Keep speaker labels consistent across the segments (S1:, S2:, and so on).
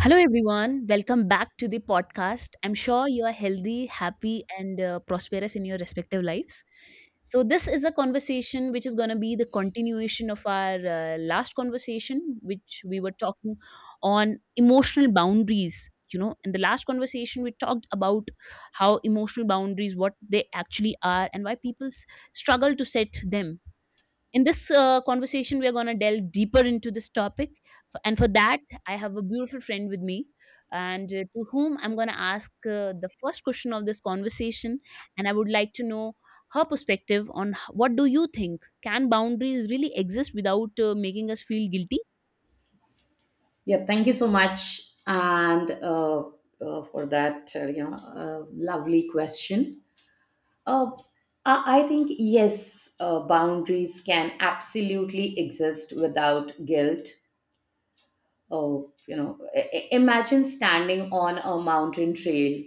S1: Hello, everyone. Welcome back to the podcast. I'm sure you are healthy, happy, and prosperous in your respective lives. So, this is a conversation which is going to be the continuation of our last conversation, which we were talking on emotional boundaries. You know, in the last conversation, we talked about how emotional boundaries, what they actually are, and why struggle to set them in this conversation, we are going to delve deeper into this topic. And for that, I have a beautiful friend with me, and to whom I'm going to ask the first question of this conversation. And I would like to know her perspective on what do you think? Can boundaries really exist without making us feel guilty?
S2: Yeah, thank you so much, and for that, you know, lovely question. Uh, I think yes, boundaries can absolutely exist without guilt. Oh, you know, imagine standing on a mountain trail,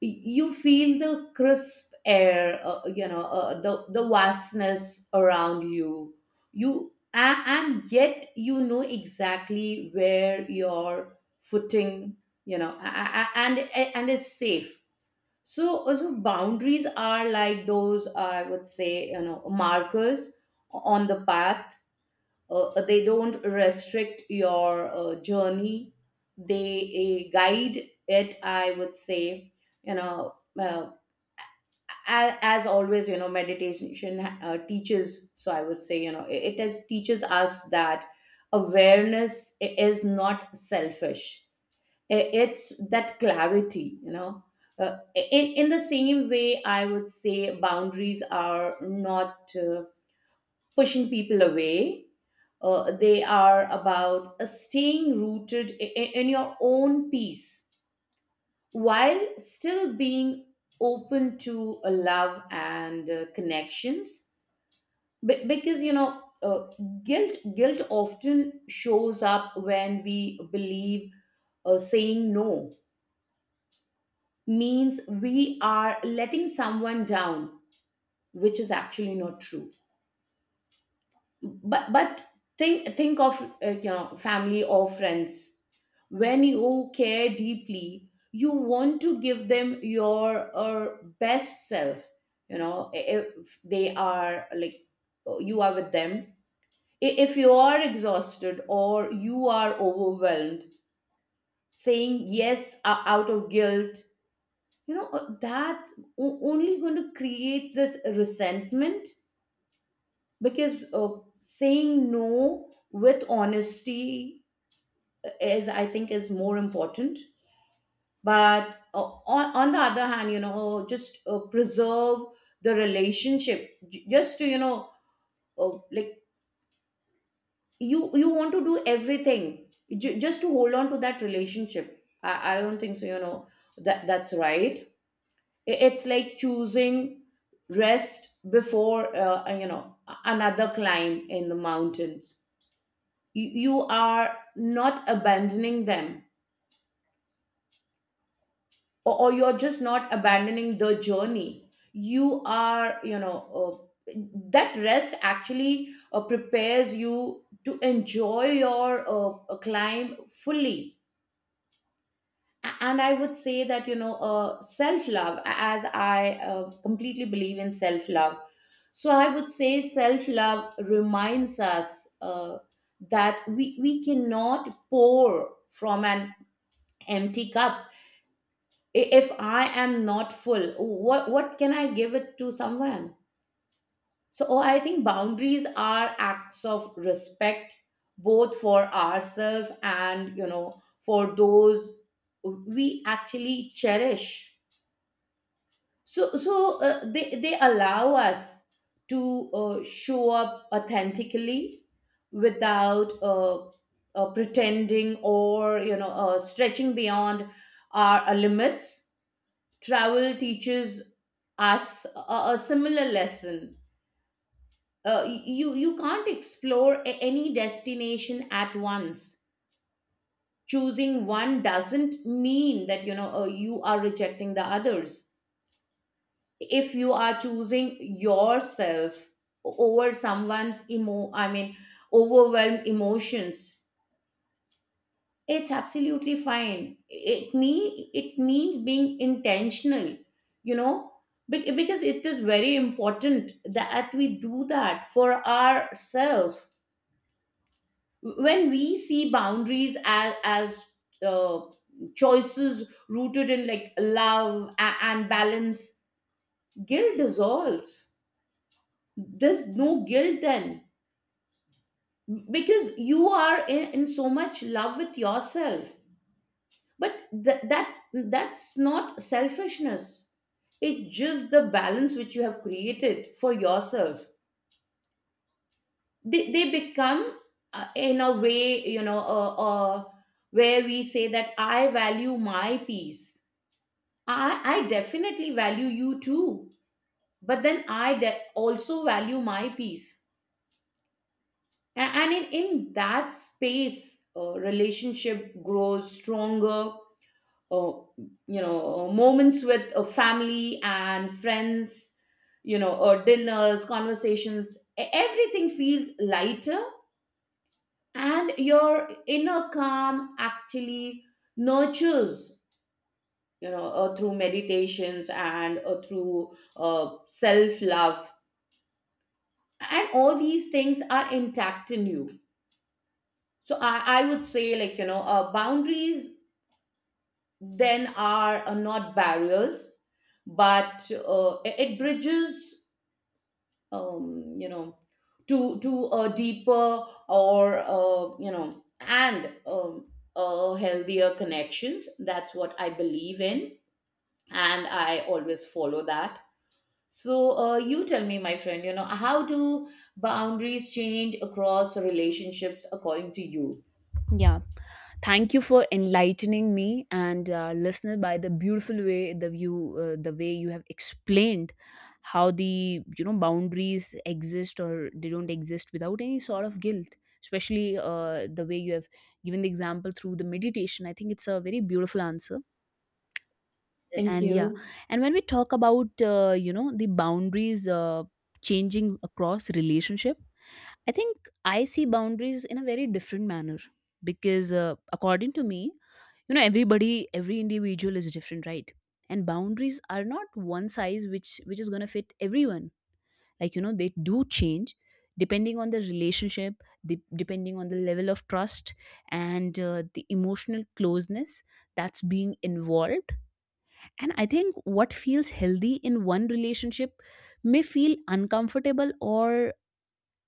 S2: you feel the crisp air, you know, the vastness around you, and yet you know exactly where your footing, you know, and it's safe. So also boundaries are like those, I would say, you know, markers on the path. They don't restrict your journey, they, guide it, I would say, you know. As always, you know, meditation teaches, so I would say, you know, it teaches us that awareness is not selfish. It's that clarity, you know. In the same way, I would say boundaries are not pushing people away. They are about staying rooted in your own peace, while still being open to love and connections. Because, you know, guilt often shows up when we believe saying no means we are letting someone down, which is actually not true. But but think think of you know, family or friends. When you care deeply, you want to give them your best self, you know. If they are like, you are with them, if you are exhausted or you are overwhelmed, saying yes out of guilt, you know, that's only going to create this resentment. Because saying no with honesty is, I think, is more important. But on the other hand, you know, just preserve the relationship just to, you know, like, you want to do everything just to hold on to that relationship, I don't think so, you know. That's right. It's like choosing rest before, you know, another climb in the mountains. You are not abandoning them, or you're just not abandoning the journey, you are, you know, that rest actually prepares you to enjoy your climb fully. And I would say that, you know, self love, as I completely believe in self love, so I would say self love reminds us uh, that we cannot pour from an empty cup. If I am not full, what can I give it to someone? So, oh, I think boundaries are acts of respect, both for ourselves and, you know, for those we actually cherish. So so uh, they they allow us to show up authentically without pretending, or, you know, stretching beyond our limits. Travel teaches us a similar lesson. You can't explore any destination at once. Choosing one doesn't mean that, you know, you are rejecting the others. If you are choosing yourself over someone's overwhelmed emotions, it's absolutely fine. It means being intentional, you know. Because it is very important that we do that for ourselves. When we see boundaries as uh, choices rooted in, like, love and balance, guilt dissolves. There's no guilt then, because you are in so much love with yourself. But th- that's that's not selfishness, it's just the balance which you have created for yourself. They become, in a way, you know, where we say that I value my peace, i definitely value you too, but then I also value my peace. And in that space, relationship grows stronger. uh, you know, moments with family and friends, you know, or dinners, conversations, everything feels lighter, and your inner calm actually nurtures, you know, through meditations and through self love, and all these things are intact in you. So, I would say, like, you know, boundaries then are not barriers, but it it bridges you know, to a deeper, or, you know, and healthier connections. That's what I believe in, and I always follow that. So, you tell me, my friend, you know, how do boundaries change across relationships, according to you?
S1: Yeah. Thank you for enlightening me and listener by the beautiful way the view the way you have explained how the you know boundaries exist or they don't exist without any sort of guilt. Especially the way you have given the example through the meditation, I think it's a very beautiful answer.
S2: Thank
S1: And yeah,
S2: you.
S1: and when we talk about you know the boundaries changing across relationship, I think I see boundaries in a very different manner because, according to me, you know, everybody, every individual is different, right? And boundaries are not one size which is gonna fit everyone. Like you know, they do change depending on the relationship, depending on the level of trust and the emotional closeness that's being involved. And I think what feels healthy in one relationship may feel uncomfortable or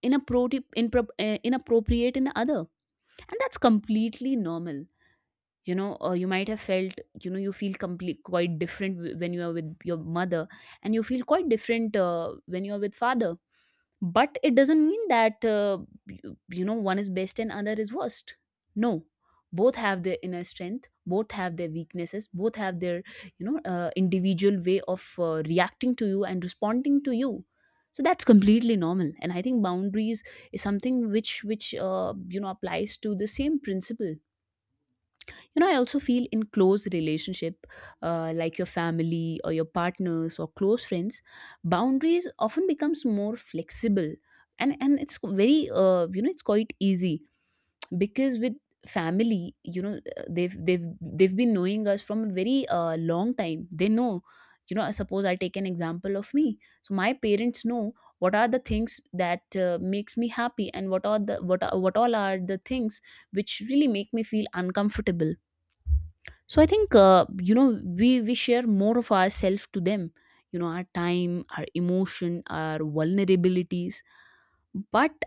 S1: inappropriate in other, and that's completely normal. You know, you might have felt, you know, you feel complete quite different when you are with your mother, and you feel quite different when you are with father, but it doesn't mean that you know, one is best and other is worst. No, both have their inner strength, both have their weaknesses, both have their, you know, individual way of reacting to you and responding to you. So that's completely normal, and I think boundaries is something which you know applies to the same principle. You know, I also feel in close relationship, like your family or your partners or close friends, boundaries often becomes more flexible, and it's very, you know, it's quite easy because with family, you know, they've been knowing us from a very long time. They know, you know, suppose I take an example of me. So my parents know what are the things that makes me happy, and what are the what all are the things which really make me feel uncomfortable. So I think, you know, we share more of ourselves to them, you know, our time, our emotion, our vulnerabilities. But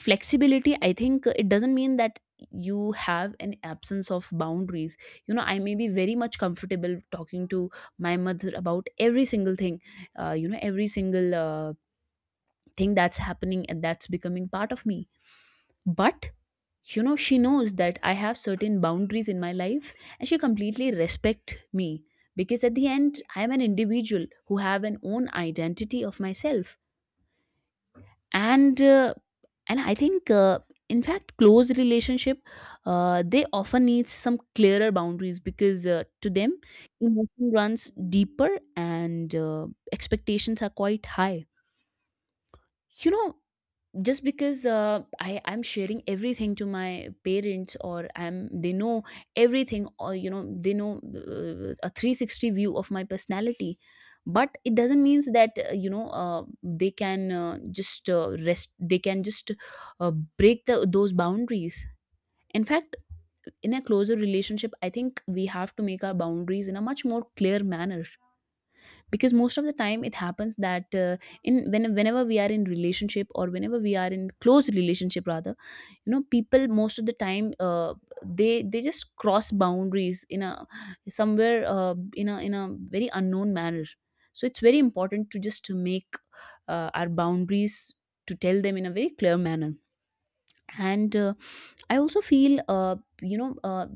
S1: flexibility, I think, it doesn't mean that you have an absence of boundaries. You know, I may be very much comfortable talking to my mother about every single thing, you know, every single thing that's happening and that's becoming part of me. But, you know, she knows that I have certain boundaries in my life, and she completely respect me, because at the end I am an individual who have an own identity of myself. And I think, in fact close relationship, they often need some clearer boundaries because, to them emotion runs deeper, and expectations are quite high. You know, just because, I'm sharing everything to my parents, or I'm they know everything, or you know they know a 360 view of my personality, but it doesn't means that, you know, they can, just rest, they can just break those boundaries. In fact, in a closer relationship, I think we have to make our boundaries in a much more clear manner, because most of the time it happens that, whenever we are in relationship, or whenever we are in close relationship rather, you know people most of the time, they just cross boundaries in a somewhere in a very unknown manner. So it's very important to just to make our boundaries, to tell them in a very clear manner. And I also feel, you know uh,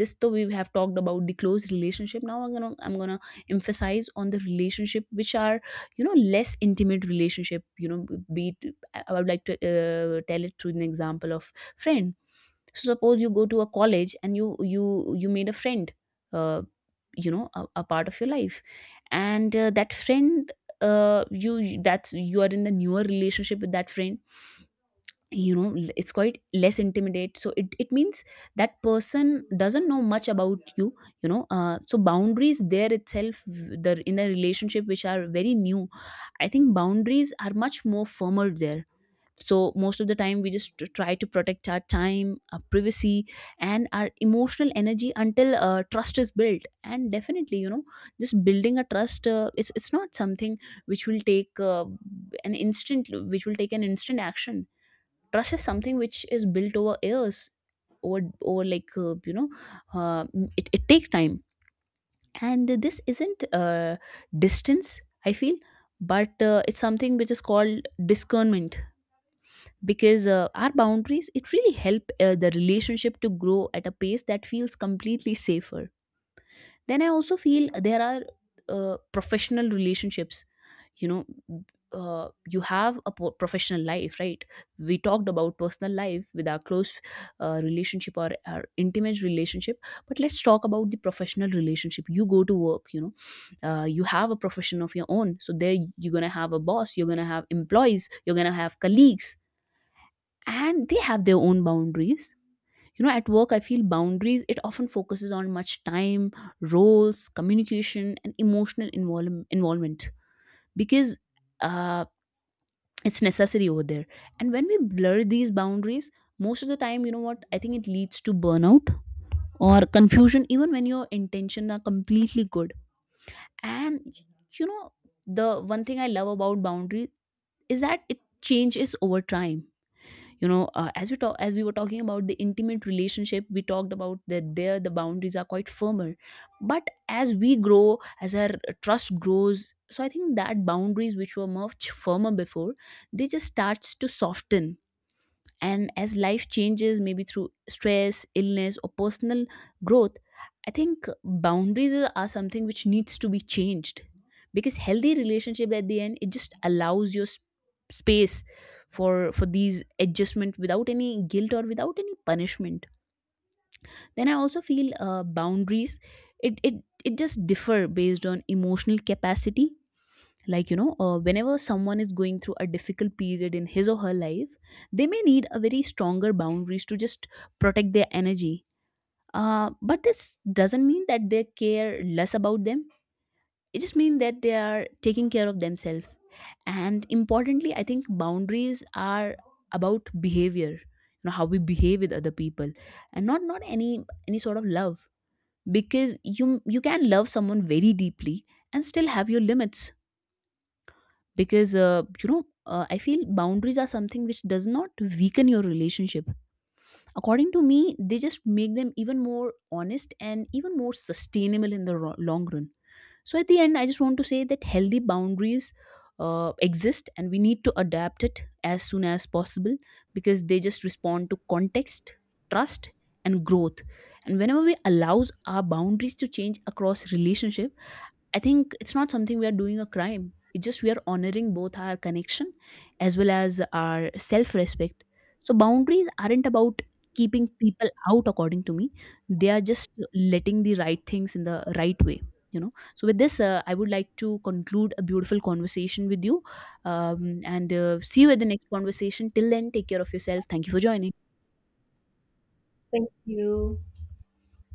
S1: this, though we have talked about the close relationship, now I'm gonna emphasize on the relationship which are, you know, less intimate relationship. You know, be it I would like to tell it through an example of friend. So suppose you go to a college and you made a friend, uh, you know, a part of your life. And that friend, you you- that's you are in the newer relationship with that friend. You know, it's quite less intimidate, so it means that person doesn't know much about you, you know. So boundaries there itself, v- the in a relationship which are very new, I think boundaries are much more firmer there. So most of the time we just try to protect our time, our privacy, and our emotional energy until trust is built. And definitely, you know, just building a trust, it's not something which will take an instant which will take an instant action. Trust is something which is built over years, over over like you know uh, it, it takes time. And this isn't distance, I feel, but it's something which is called discernment, because our boundaries, it really help the relationship to grow at a pace that feels completely safer. Then I also feel there are professional relationships. You know, you have a professional life, right? We talked about personal life with our close relationship or our intimate relationship, but let's talk about the professional relationship. You go to work, you know. You have a profession of your own, so there you're going to have a boss, you're going to have employees, you're going to have colleagues, and they have their own boundaries. You know, at work I feel boundaries, it often focuses on much time, roles, communication, and involvement, because uh, it's necessary over there. And when we blur these boundaries, most of the time, you know what I think, it leads to burnout or confusion even when your intention are completely good. And, you know, the one thing I love about boundary is that it changes over time. You know, as we were talking about the intimate relationship, we talked about that there the boundaries are quite firmer, but as we grow, as our trust grows, so I think that boundaries which were much firmer before, they just starts to soften. And as life changes, maybe through stress, illness, or personal growth, I think boundaries are something which needs to be changed, because healthy relationship at the end, it just allows your space for these adjustment without any guilt or without any punishment. Then I also feel, boundaries, it just differ based on emotional capacity. Like you know, whenever someone is going through a difficult period in his or her life, they may need a very stronger boundaries to just protect their energy. But this doesn't mean that they care less about them, it just means that they are taking care of themselves. And importantly, I think boundaries are about behavior, you know, how we behave with other people, and not any any sort of love. Because you can love someone very deeply and still have your limits. Because, I feel boundaries are something which does not weaken your relationship. According to me, they just make them even more honest and even more sustainable in the long run. So at the end I just want to say that healthy boundaries exist, and we need to adapt it as soon as possible, because they just respond to context, trust, and growth. And whenever we allows our boundaries to change across relationship, I think it's not something we are doing a crime. It's just we are honoring both our connection as well as our self respect. So, boundaries aren't about keeping people out, according to me. They are just letting the right things in the right way. You know, so with this, I would like to conclude a beautiful conversation with you, and see you at the next conversation. Till then, take care of yourself. Thank you for joining.
S2: Thank you.